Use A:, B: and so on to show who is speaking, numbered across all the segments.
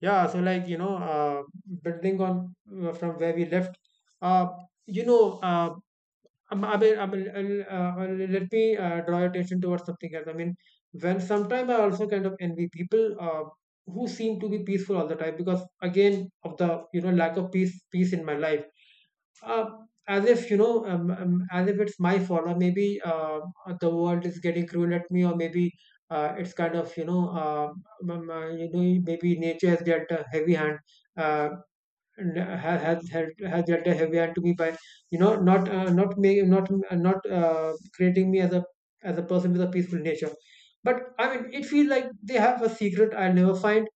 A: Yeah, so like, building on from where we left, uh, you know, uh, I mean, let me draw your attention towards something else. I mean, when sometimes I also kind of envy people who seem to be peaceful all the time, because again of the, lack of peace in my life, uh, as if as if it's my fault, or maybe the world is getting cruel at me, or maybe it's kind of you know maybe nature has dealt a heavy hand, uh, and has dealt a heavy hand to me by not not me not not creating me as a person with a peaceful nature. But I mean, it feels like they have a secret I'll never find.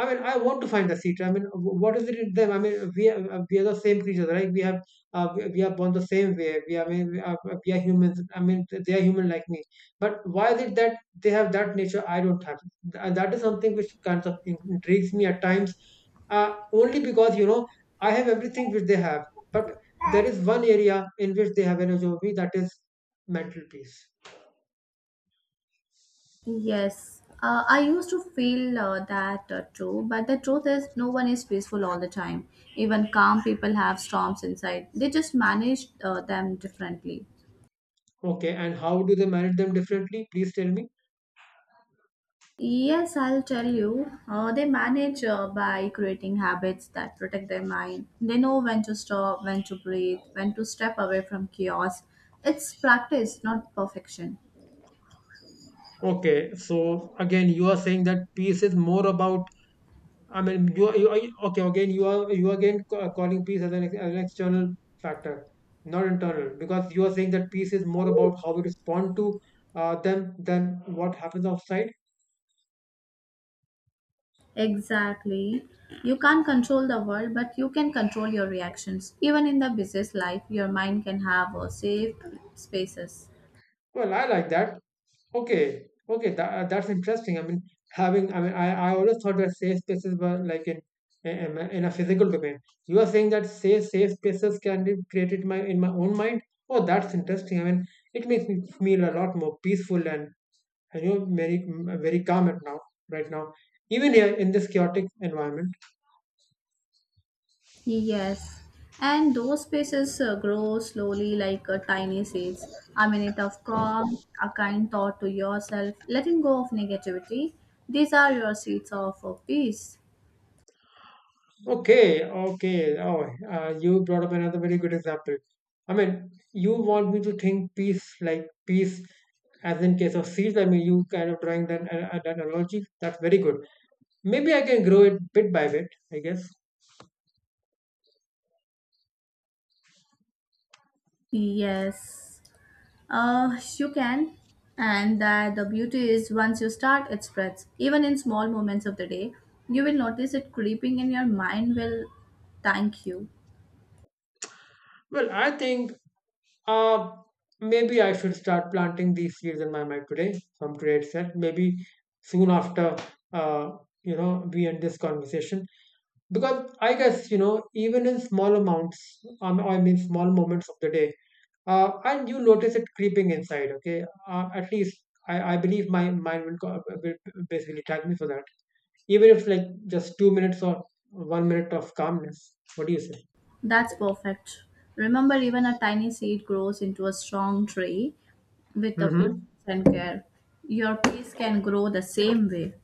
A: I mean, I want to find the secret. I mean, what is it in them? I mean, we are the same creatures, right? We have we are born the same way. I mean, we are humans. I mean, they are human like me. But why is it that they have that nature? I don't have. That is something which kind of intrigues me at times. Only because I have everything which they have, but there is one area in which they have an edge over me. That is mental peace.
B: Yes, I used to feel that too, but the truth is, no one is peaceful all the time. Even calm people have storms inside, they just manage them differently.
A: Okay, and how do they manage them differently? Please tell me.
B: Yes, I'll tell you. They manage by creating habits that protect their mind. They know when to stop, when to breathe, when to step away from chaos. It's practice, not perfection.
A: Okay, so again, you are saying that peace is more about. I mean, you are okay. Again, you are again calling peace as as an external factor, not internal, because you are saying that peace is more about how we respond to them than what happens outside.
B: Exactly. You can't control the world, but you can control your reactions. Even in the busiest life, your mind can have safe spaces.
A: Well, I like that. Okay, okay, that's interesting. I mean, I mean, I always thought that safe spaces were like in a physical domain. You are saying that safe spaces can be created my in my own mind. Oh, that's interesting. I mean, it makes me feel a lot more peaceful, and very, very calm at now right now. Even here in this chaotic environment.
B: Yes. And those spaces grow slowly like tiny seeds. A minute of calm, a kind thought to yourself, letting go of negativity. These are your seeds of peace.
A: Okay, okay. Oh, you brought up another very good example. I mean, you want me to think peace, like peace as in case of seeds. I mean, you kind of drawing that analogy. That's very good. Maybe I can grow it bit by bit, I guess.
B: Yes. You can. And that the beauty is once you start, it spreads. Even in small moments of the day, you will notice it creeping and your mind will thank you.
A: Well, I think uh, maybe I should start planting these seeds in my mind today, from today itself. Maybe soon after, uh, we end this conversation. Because I guess, even in small amounts, I mean small moments of the day, and you notice it creeping inside, okay, at least I believe my mind will basically tag me for that, even if like just 2 minutes or 1 minute of calmness, what do you say?
B: That's perfect. Remember, even a tiny seed grows into a strong tree with the patience
A: Mm-hmm.
B: and care. Your peace can grow the same way.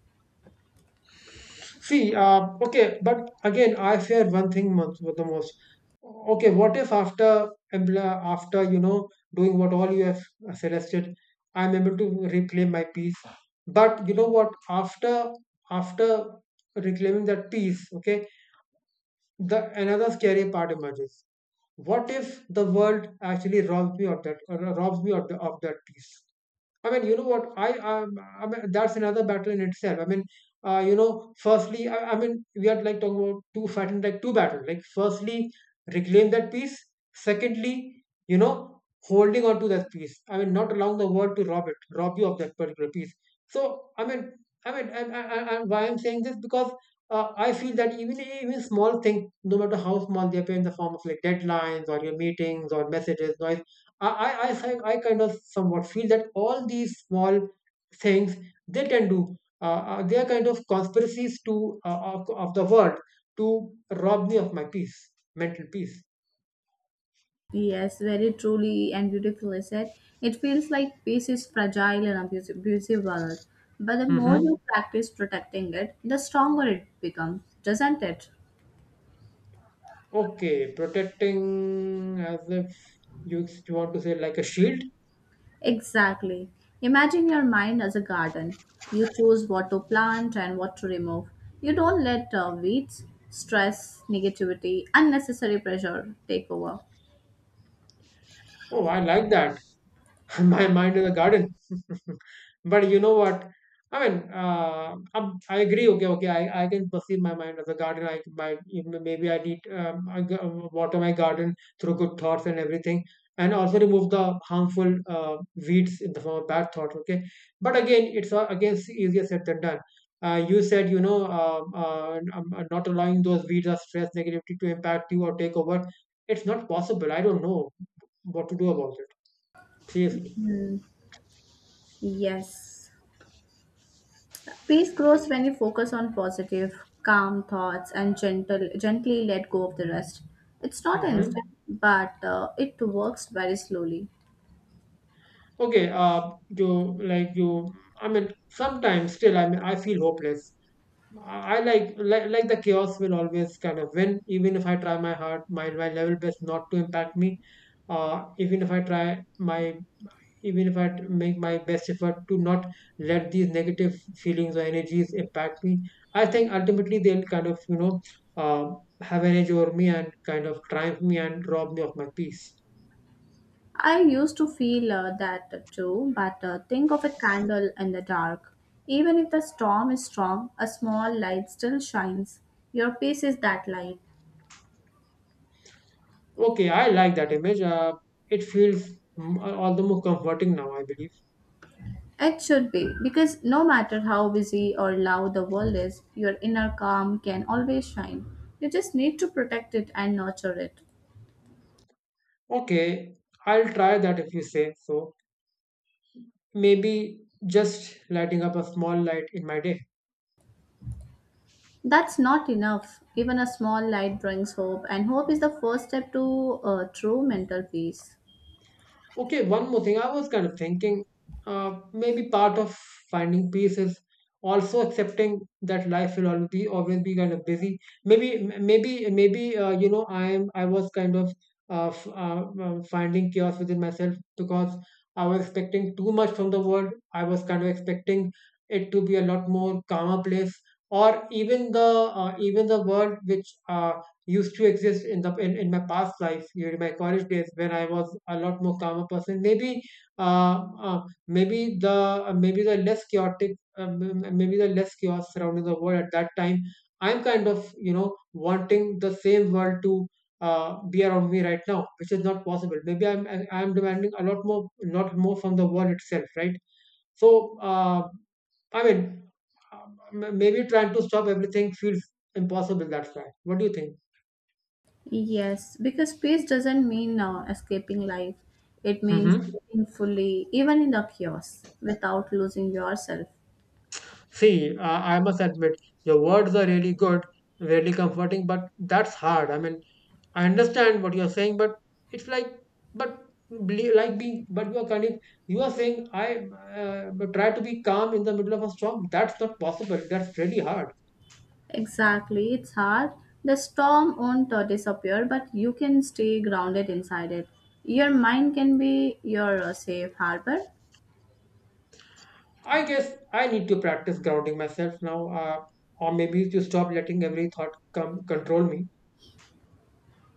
A: See, okay, but again, I fear one thing most, the most. Okay, what if after after doing what all you have suggested, I'm able to reclaim my peace. But you know what? After reclaiming that peace, okay, the another scary part emerges. What if the world actually robs me of that, robs me of, of that peace? I mean, you know what? I mean, that's another battle in itself. I mean, firstly, I mean, we are like talking about two fighting like two battles. Like, firstly, reclaim that peace. Secondly, holding on to that peace. I mean, not allowing the world to rob it, rob you of that particular peace. So, I mean. Why I'm saying this, because I feel that even small things, no matter how small they appear, in the form of like deadlines or your meetings or messages, no, I kind of somewhat feel that all these small things, they can do, they are kind of conspiracies to of the world to rob me of my peace, mental peace.
B: Yes, very truly and beautifully said. It feels like peace is fragile and abusive valor. But the more
A: Hmm.
B: you practice protecting it, the stronger it becomes, doesn't it?
A: Okay, protecting as if you want to say, like, a shield.
B: Exactly. Imagine your mind as a garden. You choose what to plant and what to remove. You don't let weeds, stress, negativity, unnecessary pressure take over.
A: Oh, I like that. My mind in the garden. But you know what? I mean, I agree. Okay, okay. I can perceive my mind as a garden. I my Maybe I need, water my garden through good thoughts and everything, and also remove the harmful weeds in the form of bad thoughts. Okay, but again, it's again easier said than done. You said, not allowing those weeds or stress negativity to impact you or take over. It's not possible. I don't know what to do about it. Seriously.
B: Hmm. Yes. Peace grows when you focus on positive, calm thoughts and gently let go of the rest. It's not instant,
A: Mm-hmm.
B: but it works very slowly.
A: Okay, you like you. I mean, sometimes still, I mean, I feel hopeless. I like the chaos will always kind of win, even if I try my hard, my level best not to impact me. Uh, even if I try my, Even if make my best effort to not let these negative feelings or energies impact me, I think ultimately they'll kind of uh, have an edge over me and kind of triumph me and rob me of my peace.
B: I used to feel that too, but think of a candle in the dark. Even if the storm is strong, a small light still shines. Your peace is that light.
A: Okay, I like that image. It feels, all the more comforting now, I believe.
B: It should be, because no matter how busy or loud the world is, your inner calm can always shine. You just need to protect it and nurture it.
A: Okay, I'll try that if you say so. Maybe just lighting up a small light in my day.
B: That's not enough. Even a small light brings hope, and hope is the first step to true mental peace.
A: Okay, one more thing. I was kind of thinking, maybe part of finding peace is also accepting that life will always be kind of busy. Maybe I was kind of finding chaos within myself, because I was expecting too much from the world. I was kind of expecting it to be a lot more calmer place, or even the world which used to exist in the in my past life during my college days when I was a lot more calmer person. Maybe uh, uh maybe the less chaotic, maybe the less chaos surrounding the world at that time. I'm kind of wanting the same world to be around me right now, which is not possible. Maybe I'm demanding a lot more from the world itself, right? So, I mean. Maybe trying to stop everything feels impossible. That's why. What do you think?
B: Yes, because peace doesn't mean escaping life, it means
A: Hmm.
B: living fully, even in the chaos, without losing yourself.
A: See, I must admit, your words are really good, really comforting, but that's hard. I mean, I understand what you're saying, but it's like, but like being, but you are kind of, you are saying, I try to be calm in the middle of a storm. That's not possible. That's really hard.
B: Exactly, it's hard. The storm won't disappear, but you can stay grounded inside it. Your mind can be your safe harbor.
A: I guess I need to practice grounding myself now, or maybe to stop letting every thought come control me.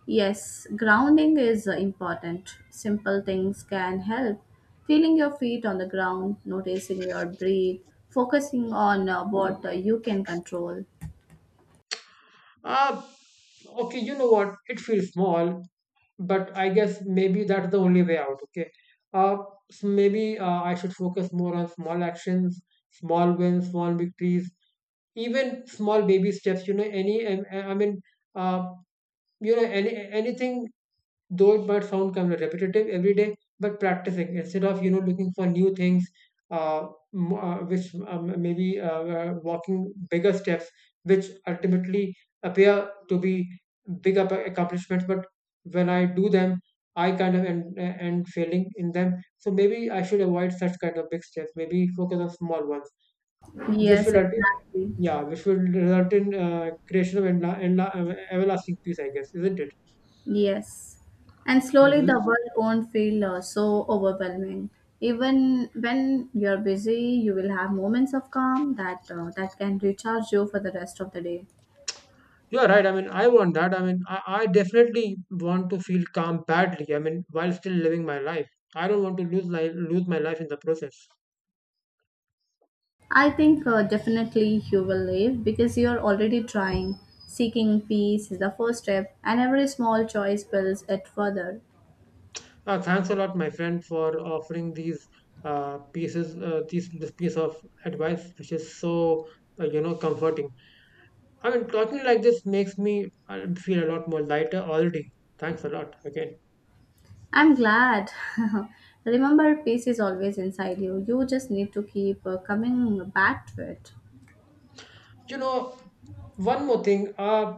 B: Yes, grounding is important. Simple things can help. Feeling your feet on the ground, noticing your breath, focusing on what you can control.
A: Uh, Okay, you know what? It feels small, but I guess maybe that's the only way out. Okay, uh, so maybe I should focus more on small actions, small wins, small victories, even small baby steps. You know, I mean, uh, anything, though it might sound kind of repetitive every day, but practicing instead of looking for new things, uh, which, maybe walking bigger steps, which ultimately appear to be accomplishments, but when I do them I kind of end failing in them, so maybe I should avoid such kind of big steps, maybe focus on small ones, which
B: Yes,
A: will ulti-
B: exactly.
A: yeah, which will result in creation of everlasting peace, I guess, isn't it?
B: Yes. And slowly the
A: Hmm.
B: world won't feel so overwhelming. Even when you're busy, you will have moments of calm that that can recharge you for the rest of the day.
A: You are right. I mean, I want that. I mean, I definitely want to feel calm badly. I mean, while still living my life, I don't want to lose life, lose my life in the process.
B: I think definitely you will live because you are already trying. Seeking peace is the first step, and every small choice builds it further.
A: Thanks a lot, my friend, for offering these pieces, these this piece of advice, which is so comforting. I mean, talking like this makes me feel a lot more lighter already. Thanks a lot again.
B: I'm glad. Remember, peace is always inside you. You just need to keep coming back to it.
A: you know One more thing. uh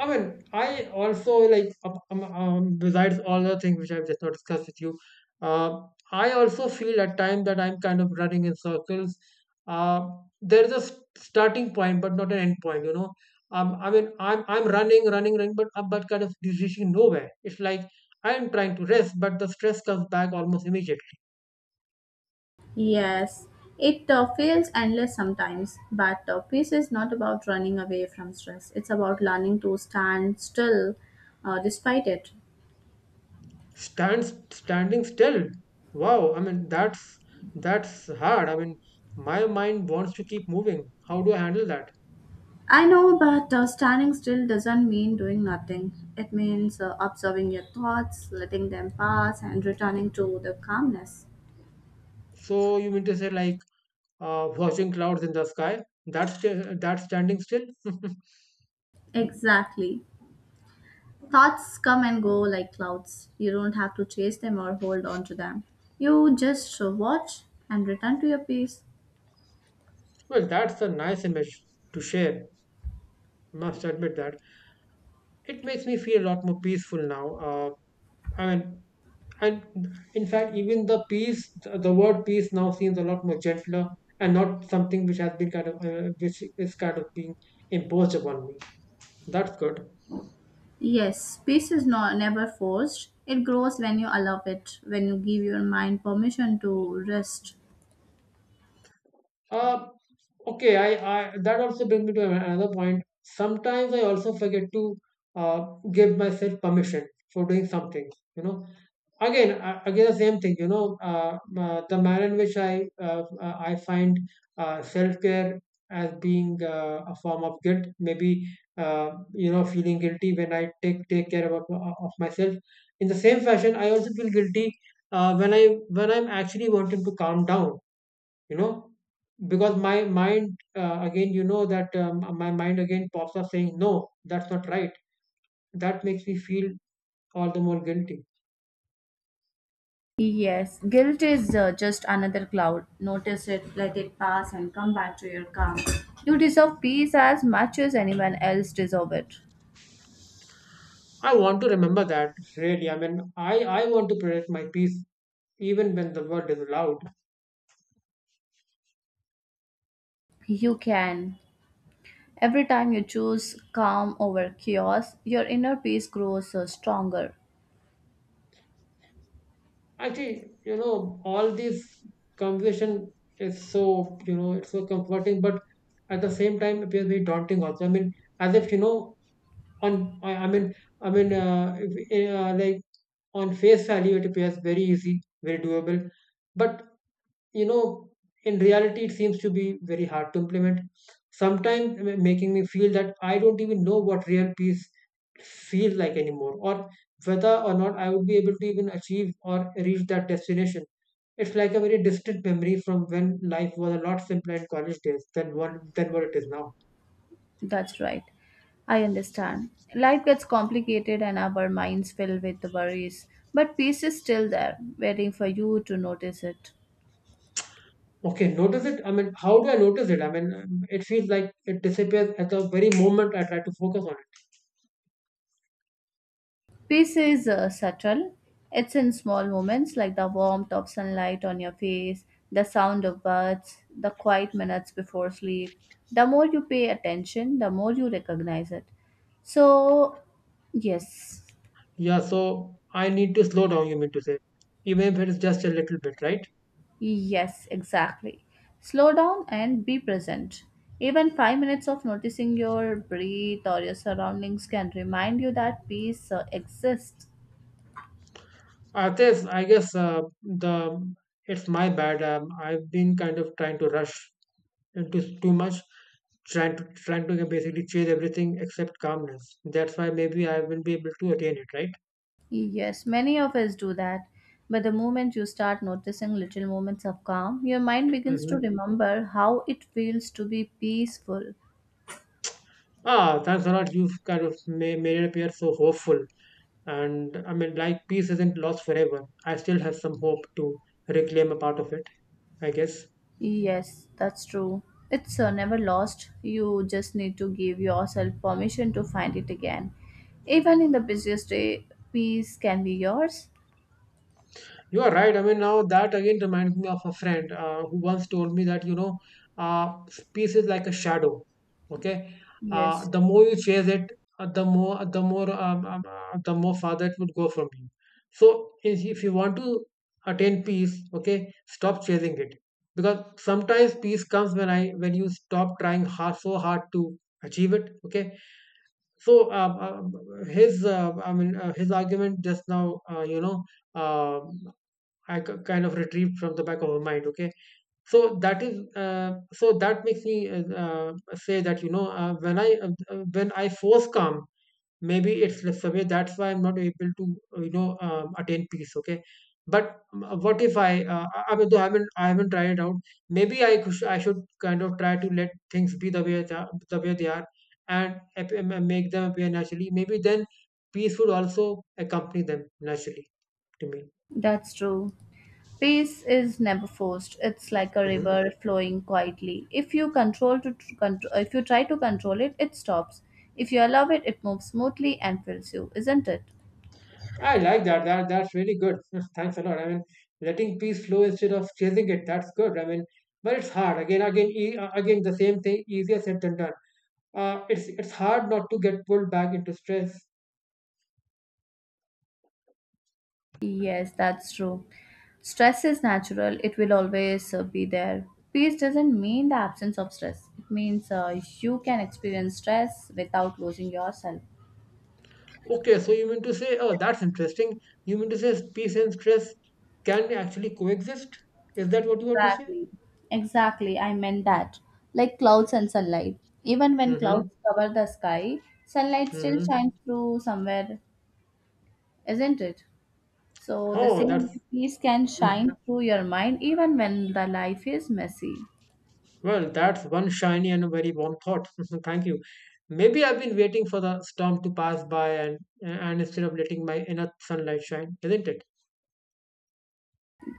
A: i mean I also like besides all the things which I've just not discussed with you uh, I also feel at times that I'm kind of running in circles. uh, there's a starting point but not an end point. I mean I'm running but kind of reaching nowhere. It's like I'm trying to rest but the stress comes back almost immediately.
B: Yes, it feels endless sometimes, but peace is not about running away from stress. It's about learning to stand still despite it.
A: Stands Standing still. Wow, I mean that's hard. I mean, my mind wants to keep moving. How do I handle that?
B: I know, but standing still doesn't mean doing nothing. It means observing your thoughts, letting them pass, and returning to the calmness.
A: So you mean to say, like, watching clouds in the sky, that's that's standing still.
B: Exactly. Thoughts come and go like clouds. You don't have to chase them or hold on to them. You just watch and return to your peace.
A: Well, that's a nice image to share. Must admit that it makes me feel a lot more peaceful now. I mean, and in fact, even the peace, the word peace now seems a lot more gentler and not something which has been kind of, which is kind of being imposed upon me. That's good.
B: Yes, peace is not never forced. It grows when you allow it, when you give your mind permission to rest.
A: Uh, okay, I that also brings me to another point. Sometimes I also forget to uh, give myself permission for doing something. You know, again, again the same thing. You know, the manner in which I I find self care as being a form of guilt. Maybe you know, feeling guilty when I take care of myself. In the same fashion, I also feel guilty when I when I'm actually wanting to calm down, you know, because my mind, again, you know that my mind again pops up saying no, that's not right. That makes me feel all the more guilty.
B: Yes, guilt is just another cloud. Notice it, let it pass, and come back to your calm. You deserve peace as much as anyone else deserves it.
A: I want to remember that. Really, I mean, I want to protect my peace even when the word is loud.
B: You can. Every time you choose calm over chaos, your inner peace grows stronger.
A: Actually, you know, all this conversation is so, you know, it's so comforting but at the same time appears very daunting also. I mean, as if you know, on I mean, I mean if, like on face value it appears very easy, very doable, but you know, in reality it seems to be very hard to implement, sometimes making me feel that I don't even know what real peace feels like anymore, or whether or not I would be able to even achieve or reach that destination. It's like a very distant memory from when life was a lot simpler in college days than what it is now.
B: That's right. I understand. Life gets complicated and our minds fill with worries, but peace is still there, waiting for you to notice it.
A: Okay, notice it. I mean, how do I notice it? I mean, it feels like it disappears at the very moment I try to focus on it.
B: Peace is subtle. It's in small moments like the warmth of sunlight on your face, the sound of birds, the quiet minutes before sleep. The more you pay attention, the more you recognize it. So, yes,
A: Yeah, so I need to slow down, you mean to say, even if it's just a little bit, right?
B: yes, exactly. Slow down and be present. Even 5 minutes of noticing your breath or your surroundings can remind you that peace exists.
A: Artes, I guess the it's my bad. I've been kind of trying to rush into too much, trying to basically chase everything except calmness. That's why maybe I won't be able to attain it, right?
B: Yes, many of us do that. But the moment you start noticing little moments of calm, your mind begins
A: Hmm.
B: to remember how it feels to be peaceful.
A: Ah, thanks a lot. You've kind of made it appear so hopeful. And I mean, like peace isn't lost forever. I still have some hope to reclaim a part of it, I guess.
B: Yes, that's true. It's never lost. You just need to give yourself permission to find it again. Even in the busiest day, peace can be yours.
A: You are right. I mean, now that again reminds me of a friend who once told me that, you know, uh, peace is like a shadow. Okay.
B: Yes.
A: The more you chase it, the more, the more farther it would go from you. So if you want to attain peace, okay, stop chasing it. Because sometimes peace comes when when you stop trying hard, so hard to achieve it. Okay. So I mean, his argument just now, uh, I kind of retrieved from the back of my mind. Okay, so that is so that makes me say that you know when I when I force calm, maybe it's the survey. That's why I'm not able to you know attain peace. Okay, but what if I mean though I haven't tried it out. Maybe I should kind of try to let things be the way they are, and make them appear naturally. Maybe then peace would also accompany them naturally to
B: That's true. Peace is never forced. It's like a
A: me.
B: river flowing quietly. If you control to tr- contr- if you try to control it, it stops. If you allow it, it moves smoothly and fills you, isn't it?
A: I like that. That's really good. Thanks a lot. I mean, letting peace flow instead of chasing it. That's good. I mean, but it's hard. Again, again, the same thing. Easier said than done. It's hard not to get pulled back into stress.
B: Yes, that's true. Stress is natural. It will always be there. Peace doesn't mean the absence of stress. It means you can experience stress without losing yourself.
A: Okay, so you mean to say, oh, that's interesting. You mean to say peace and stress can actually coexist? Is that what you want to say?
B: Exactly. Exactly. I meant that. Like clouds and sunlight. Even when
A: Mm-hmm.
B: clouds cover the sky, sunlight still
A: Mm-hmm.
B: shines through somewhere, isn't it? So the
A: Oh,
B: same
A: that's,
B: way peace can
A: hmm.
B: shine through your mind even when the life is messy.
A: Well, that's one shiny and very warm thought. Thank you. Maybe I've been waiting for the storm to pass by, and instead of letting my inner sunlight shine, isn't it?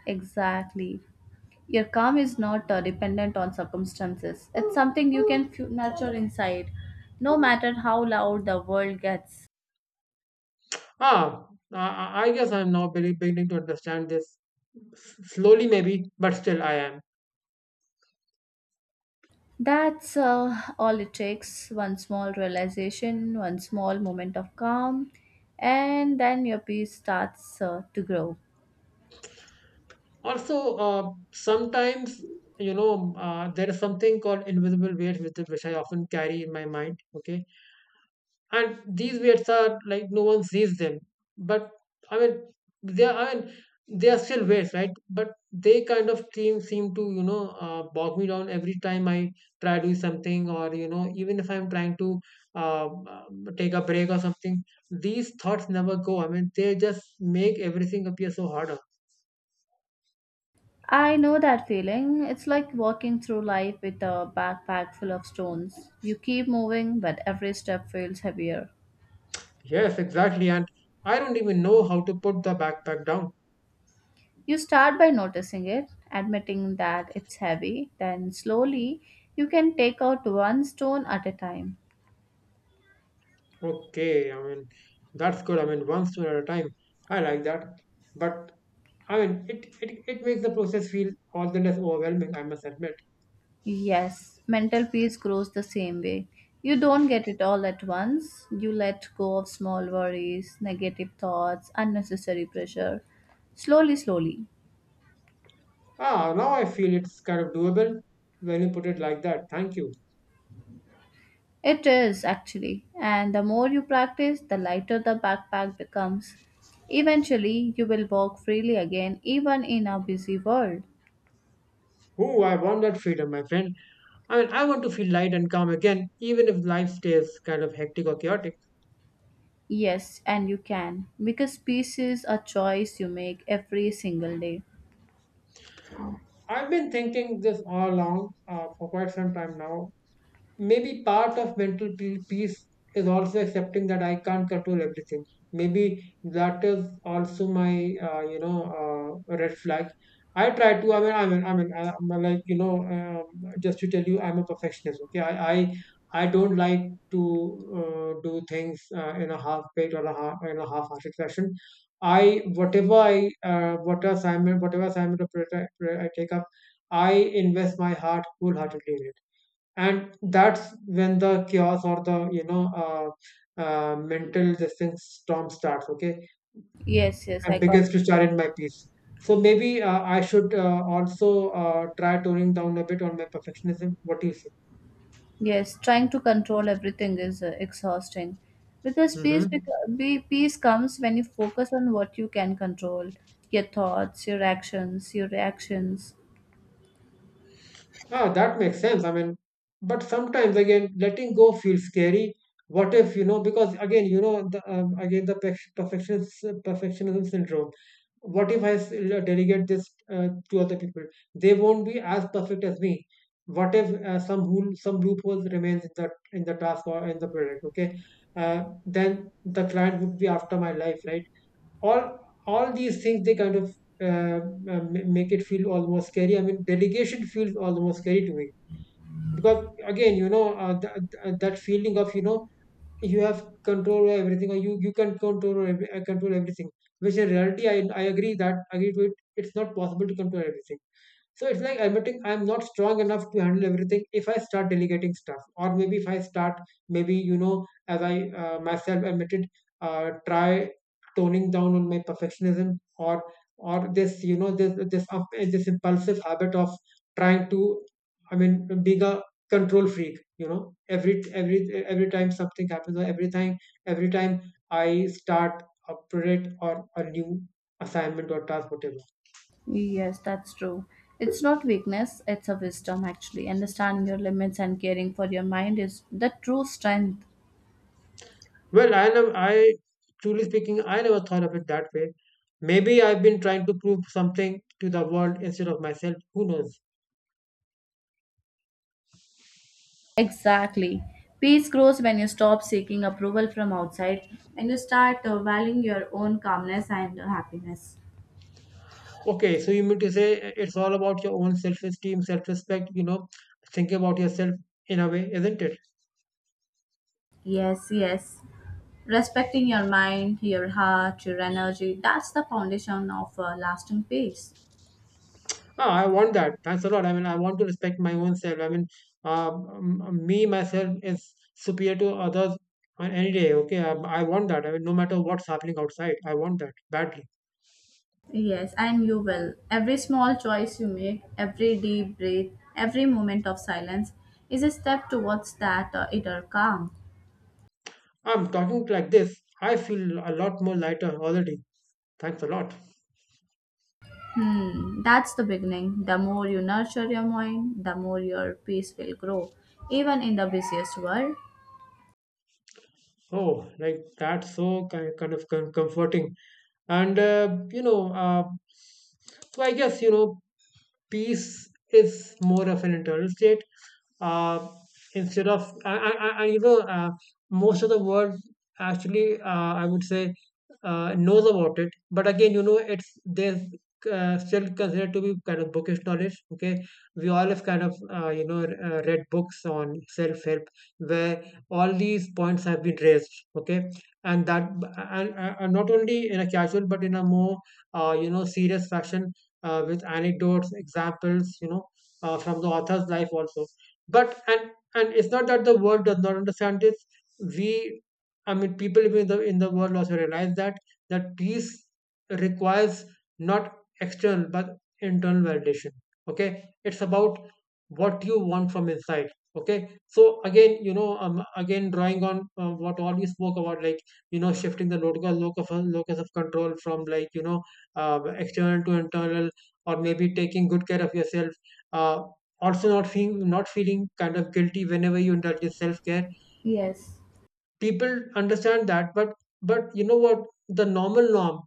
B: Exactly. Your calm is not dependent on circumstances. It's something you can nurture inside, no matter how loud the world gets.
A: Ah, I guess I'm now beginning to understand this. Slowly, maybe, but still, I am.
B: That's all it takes one small realization, one small moment of calm, and then your peace starts to grow.
A: Also, uh, sometimes, you know, there is something called invisible weight, which I often carry in my mind. Okay, and these weights are like, no one sees them, but I mean they are, I mean they are still weights, right? But they kind of seem to, you know, bog me down every time I try to do something, or you know, even if I'm trying to take a break or something, these thoughts never go. I mean, they just make everything appear so harder.
B: I know that feeling. It's like walking through life with a backpack full of stones. You keep moving, but every step feels heavier.
A: Yes, exactly, and I don't even know how to put the backpack down.
B: You start by noticing it, admitting that it's heavy, then slowly you can take out one stone at a time.
A: Okay, I mean, that's good. I mean, one story at a time. I like that. But I mean, it makes the process feel all the less overwhelming, I must admit.
B: Yes, mental peace grows the same way. You don't get it all at once. You let go of small worries, negative thoughts, unnecessary pressure. Slowly, slowly.
A: Ah, now I feel it's kind of doable when you put it like that. Thank you.
B: It is actually. And the more you practice, the lighter the backpack becomes. Eventually, you will walk freely again, even in a busy world.
A: Oh, I want that freedom, my friend. I mean, I want to feel light and calm again, even if life stays kind of hectic or chaotic.
B: Yes, and you can. Because peace is a choice you make every single day.
A: I've been thinking this all along for quite some time now. Maybe part of mental peace is also accepting that I can't control everything. Maybe that is also my you know red flag. I try to. I mean, I'm like, you know, just to tell you, I'm a perfectionist. Okay, I don't like to do things in a half baked or a half in a half-hearted fashion. I, whatever whatever assignment or project I take up, I invest my heart wholeheartedly in it, and that's when the chaos or the, you know, mental this thing storm starts, okay,
B: Yes, yes,
A: and
B: I got
A: begins to char in my peace. So maybe I should also try toning down a bit on my perfectionism. What do you say?
B: Yes, trying to control everything is exhausting because
A: Hmm.
B: peace comes when you focus on what you can control, your thoughts, your actions, your reactions.
A: Ah, that makes sense. I mean, but sometimes again, letting go feels scary. What if you know? Because again, you know, again the perfectionism syndrome. What if I delegate this to other people? They won't be as perfect as me. What if some some loopholes remains in the task or in the product? Okay, then the client would be after my life, right? all all these things, they kind of uh, uh, make it feel almost scary. I mean, delegation feels almost scary to me, because again, you know, that feeling of, you know, you have control over everything, or you can control control everything, which in reality, I agree that agree to it, it's not possible to control everything. So it's like admitting I'm not strong enough to handle everything if I start delegating stuff, or maybe if I start, maybe, you know, as I myself admitted, try toning down on my perfectionism, or this, you know, this impulsive habit of trying to, I mean, being a control freak. You know, every time something happens, or every time I start a project or a new assignment or task, whatever.
B: Yes, that's true. It's not weakness, it's a wisdom actually. Understanding your limits and caring for your mind is the true strength.
A: Well, I truly speaking, I never thought of it that way. Maybe I've been trying to prove something to the world instead of myself. Who knows?
B: Exactly. Peace grows when you stop seeking approval from outside and you start valuing your own calmness and happiness.
A: Okay, so you mean to say it's all about your own self esteem, self respect, you know, thinking about yourself in a way, isn't it?
B: Yes. Respecting your mind, your heart, your energy, that's the foundation of lasting peace.
A: Ah, I want that. Thanks a lot. I mean, I want to respect my own self. I mean, me, myself is superior to others on any day. Okay, I want that. I mean, no matter what's happening outside, I want that badly.
B: Yes, and you will. Every small choice you make, every deep breath, every moment of silence is a step towards that inner calm.
A: I'm talking like this. I feel a lot more lighter already. Thanks a lot.
B: Hmm, that's the beginning. The more you nurture your mind, the more your peace will grow, even in the busiest world.
A: Oh, like that's so kind of comforting. And uh, you know, uh, so I guess peace is more of an internal state. Uh, instead of, I, you know, Most of the world actually, uh, I would say, knows about it. But again, you know, it's there's still considered to be kind of bookish knowledge. Okay, we all have kind of read books on self help where all these points have been raised. Okay, and that and not only in a casual but in a more serious fashion with anecdotes, examples, from the author's life also. But and it's not that the world does not understand this. We, I mean, people in the world also realize that peace requires not external but internal validation. Okay, it's about what you want from inside. Okay, so again, again drawing on what all we spoke about, like you know, shifting the locus of control from like external to internal, or maybe taking good care of yourself, uh, also not feeling kind of guilty whenever you indulge in self-care.
B: Yes,
A: People understand that, but you know what, the norm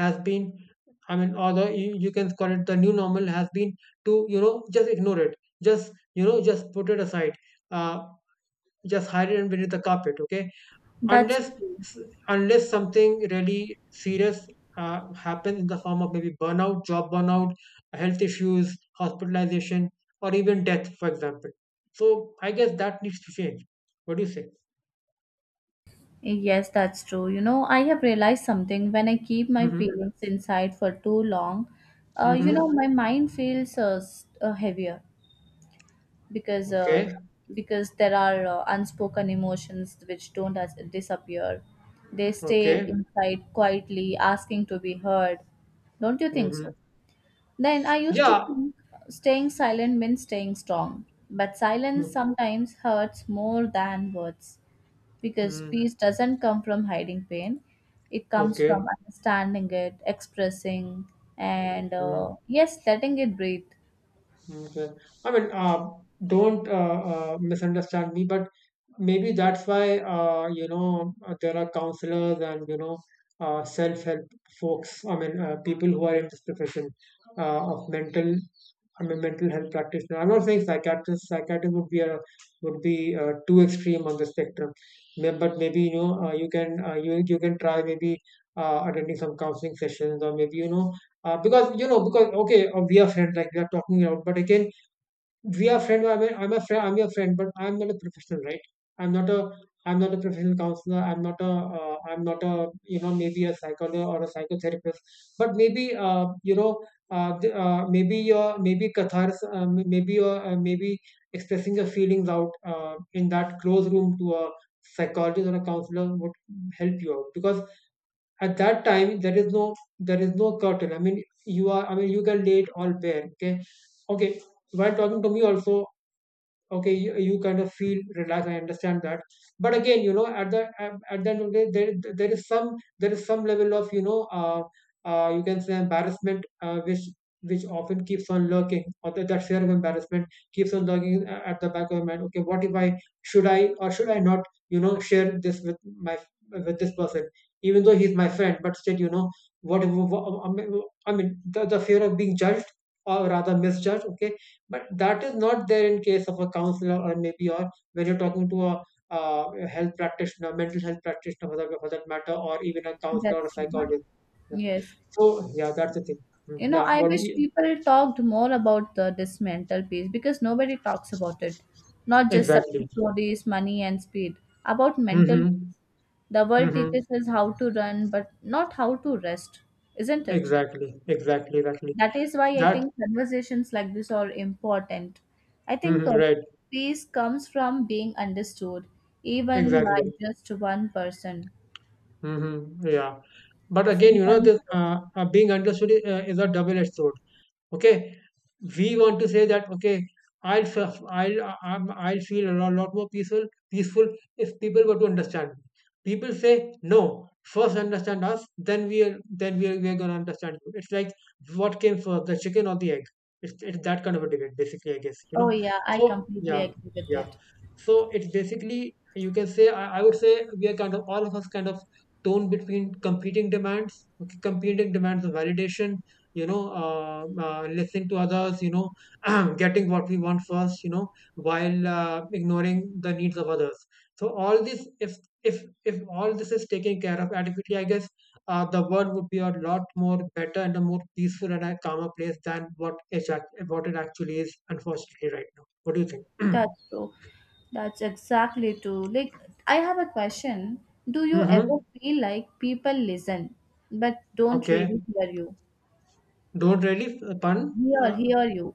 A: has been, I mean, or the you can call it the new normal, has been to you know just ignore it, just you know just put it aside, uh, just hide it beneath the carpet. Okay,
B: that's
A: unless, unless something really serious happens in the form of maybe burnout, job burnout, health issues, hospitalization, or even death, for example. So I guess that needs to change. What do you say?
B: yes, that's true. You know, I have realized something when I keep my
A: Mm-hmm.
B: feelings inside for too long. You know,
A: Mm-hmm.
B: my mind feels heavier because uh,
A: Okay.
B: because there are unspoken emotions which don't as- disappear. They stay
A: Okay.
B: inside quietly, asking to be heard. Don't you think so?
A: Mm-hmm.
B: Then I used to
A: Yeah.
B: think staying silent means staying strong, but silence sometimes hurts more than words because
A: Mm-hmm.
B: peace doesn't come from hiding pain, it comes
A: Okay.
B: from understanding it, expressing, and
A: Mm-hmm.
B: yes, letting it breathe.
A: Okay. I mean, don't misunderstand me, but maybe that's why there are counselors and you know self-help folks. I mean, people who are in this profession of mental. I mean, mental health practitioner. I'm not saying psychiatrist. Psychiatrist would be too extreme on the spectrum. But maybe you know you can you can try maybe attending some counseling sessions, or maybe you know because you know because okay we are friends, like we are talking out, but again we are friend. I'm a friend. I'm your friend, but I'm not a professional, right? I'm not a I'm not a professional counselor. I'm not a you know maybe a psychologist or a psychotherapist, but maybe maybe your maybe catharsis, maybe expressing your feelings out in that closed room to a psychologist or a counselor would help you out, because at that time there is no, there is no curtain. I mean you are, I mean you can lay it all bare. Okay, okay, while talking to me also, okay, you kind of feel relaxed, I understand that, but again you know at the end of the day, there is some, there is some level of you know you can say embarrassment, which often keeps on lurking, or that fear of embarrassment keeps on lurking at the back of my mind. Okay, what if I, should I or should I not, you know, share this with my, with this person? Even though he's my friend, but still you know, what if- wha- I mean the fear of being judged or rather misjudged. Okay, but that is not there in case of a counselor, or maybe, or when you're talking to a health practitioner, mental health practitioner, for that matter, or even a counselor or a
B: That's true.
A: psychologist. Yeah.
B: Yes,
A: So yeah, that's the thing. Mm.
B: you know,
A: Yeah,
B: I wish people talked more about this mental peace because nobody talks about it, not just
A: exactly?
B: success stories, money and speed about mental
A: Mm-hmm.
B: peace. The world
A: Mm-hmm.
B: teaches us how to run but not how to rest, isn't it?
A: Exactly. Exactly. Exactly.
B: That is why I
A: That.
B: think conversations like this are important. I think
A: Mm-hmm, right.
B: peace comes from being understood, even by
A: Exactly.
B: just one person.
A: Mm-hmm. Yeah. But again, you know,
B: Sometimes,
A: this being understood is a double-edged sword. Okay, we want to say that okay, I'll I will I'll I'm, I'll feel a lot more peaceful if people were to understand me. People say no. First understand us, then we are gonna understand you. It's like, what came first, the chicken or the egg? It's that kind of a debate, basically, I guess. You
B: oh
A: know.
B: yeah, I
A: So
B: completely
A: yeah,
B: agree with
A: yeah.
B: it.
A: So it's basically, you can say I would say we are kind of, all of us kind of torn between competing demands, okay, competing demands of validation, you know, listening to others, you know, getting what we want first, you know, while ignoring the needs of others. So all this, if if all this is taken care of adequately, I guess the world would be a lot more better and a more peaceful and a calmer place than what it actually is unfortunately right now. What do you think?
B: That's true. That's exactly true. Like, I have a question. Do you ever
A: Mm-hmm.
B: feel like people listen but don't
A: Okay,
B: really hear you?
A: don't really pun, uh,
B: Hear you.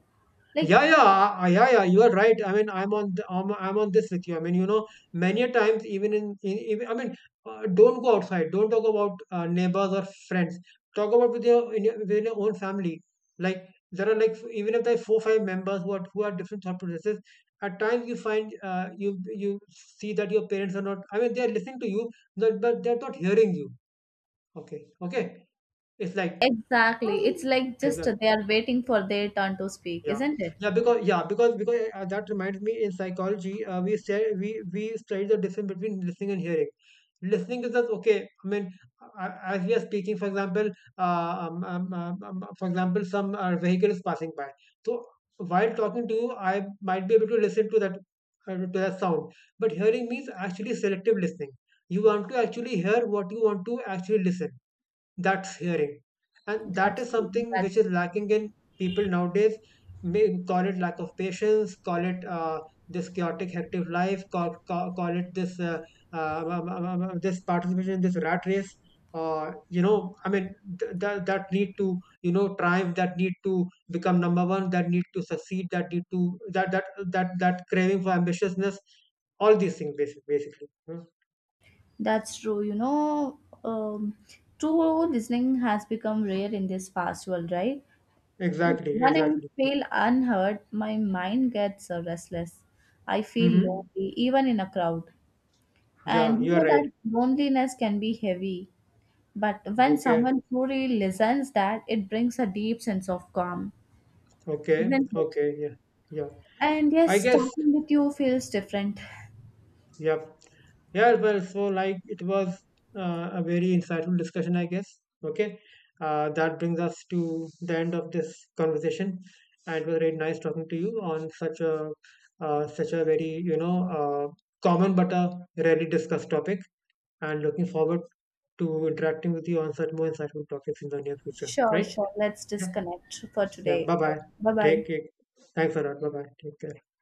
B: Like,
A: yeah, yeah, yeah. You are right. I mean, I'm on this with you. I mean, you know, many a times, even I mean, don't go outside. Don't talk about neighbors or friends. Talk about with your, in your, within your own family. Like there are like even if there are four five members who are different thought processes. At times you find you see that your parents are not, I mean, they are listening to you, but they're not hearing you. Okay, okay. It's like,
B: exactly. It's like just they are waiting for their turn to speak,
A: yeah,
B: isn't it?
A: yeah, because that reminds me in psychology, we say we study the difference between listening and hearing. Listening is just okay. I mean, as we are speaking, for example, some vehicle is passing by. So while talking to you, I might be able to listen to that, to that sound. But hearing means actually selective listening. You want to actually hear what you want to actually listen. That's hearing, and that
B: That's
A: is
B: true.
A: something which
B: That's
A: is
B: true.
A: lacking in people nowadays. May call it lack of patience, call it this chaotic hectic life, call it this this participation in this rat race, you know, I mean, that that need to you know triumph, that need to become number one, that need to succeed, that need to that craving for ambitiousness. All these things, basically. Hmm.
B: That's true. You know, um, true listening has become rare in this fast world, right?
A: Exactly,
B: When I
A: exactly.
B: feel unheard, my mind gets restless. I feel
A: Hmm.
B: lonely, even in a crowd.
A: Yeah,
B: And you
A: you are
B: know
A: right.
B: that loneliness can be heavy. But when
A: Okay,
B: someone truly listens, that it brings a deep sense of calm,
A: okay,
B: isn't it?
A: okay, yeah, yeah.
B: And
A: I
B: yes,
A: guess,
B: talking with you feels different.
A: yeah, yeah. Well, so like it was a very insightful discussion, I guess. Okay, that brings us to the end of this conversation, and it was really nice talking to you on such a, such a very you know common but a rarely discussed topic. And looking forward to interacting with you on such more insightful topics in the near future.
B: Sure,
A: Right?
B: sure. Let's
A: Yeah.
B: disconnect for
A: Yeah.
B: today.
A: Bye bye.
B: Bye bye.
A: Take care. Thanks a lot. Bye bye. Take care.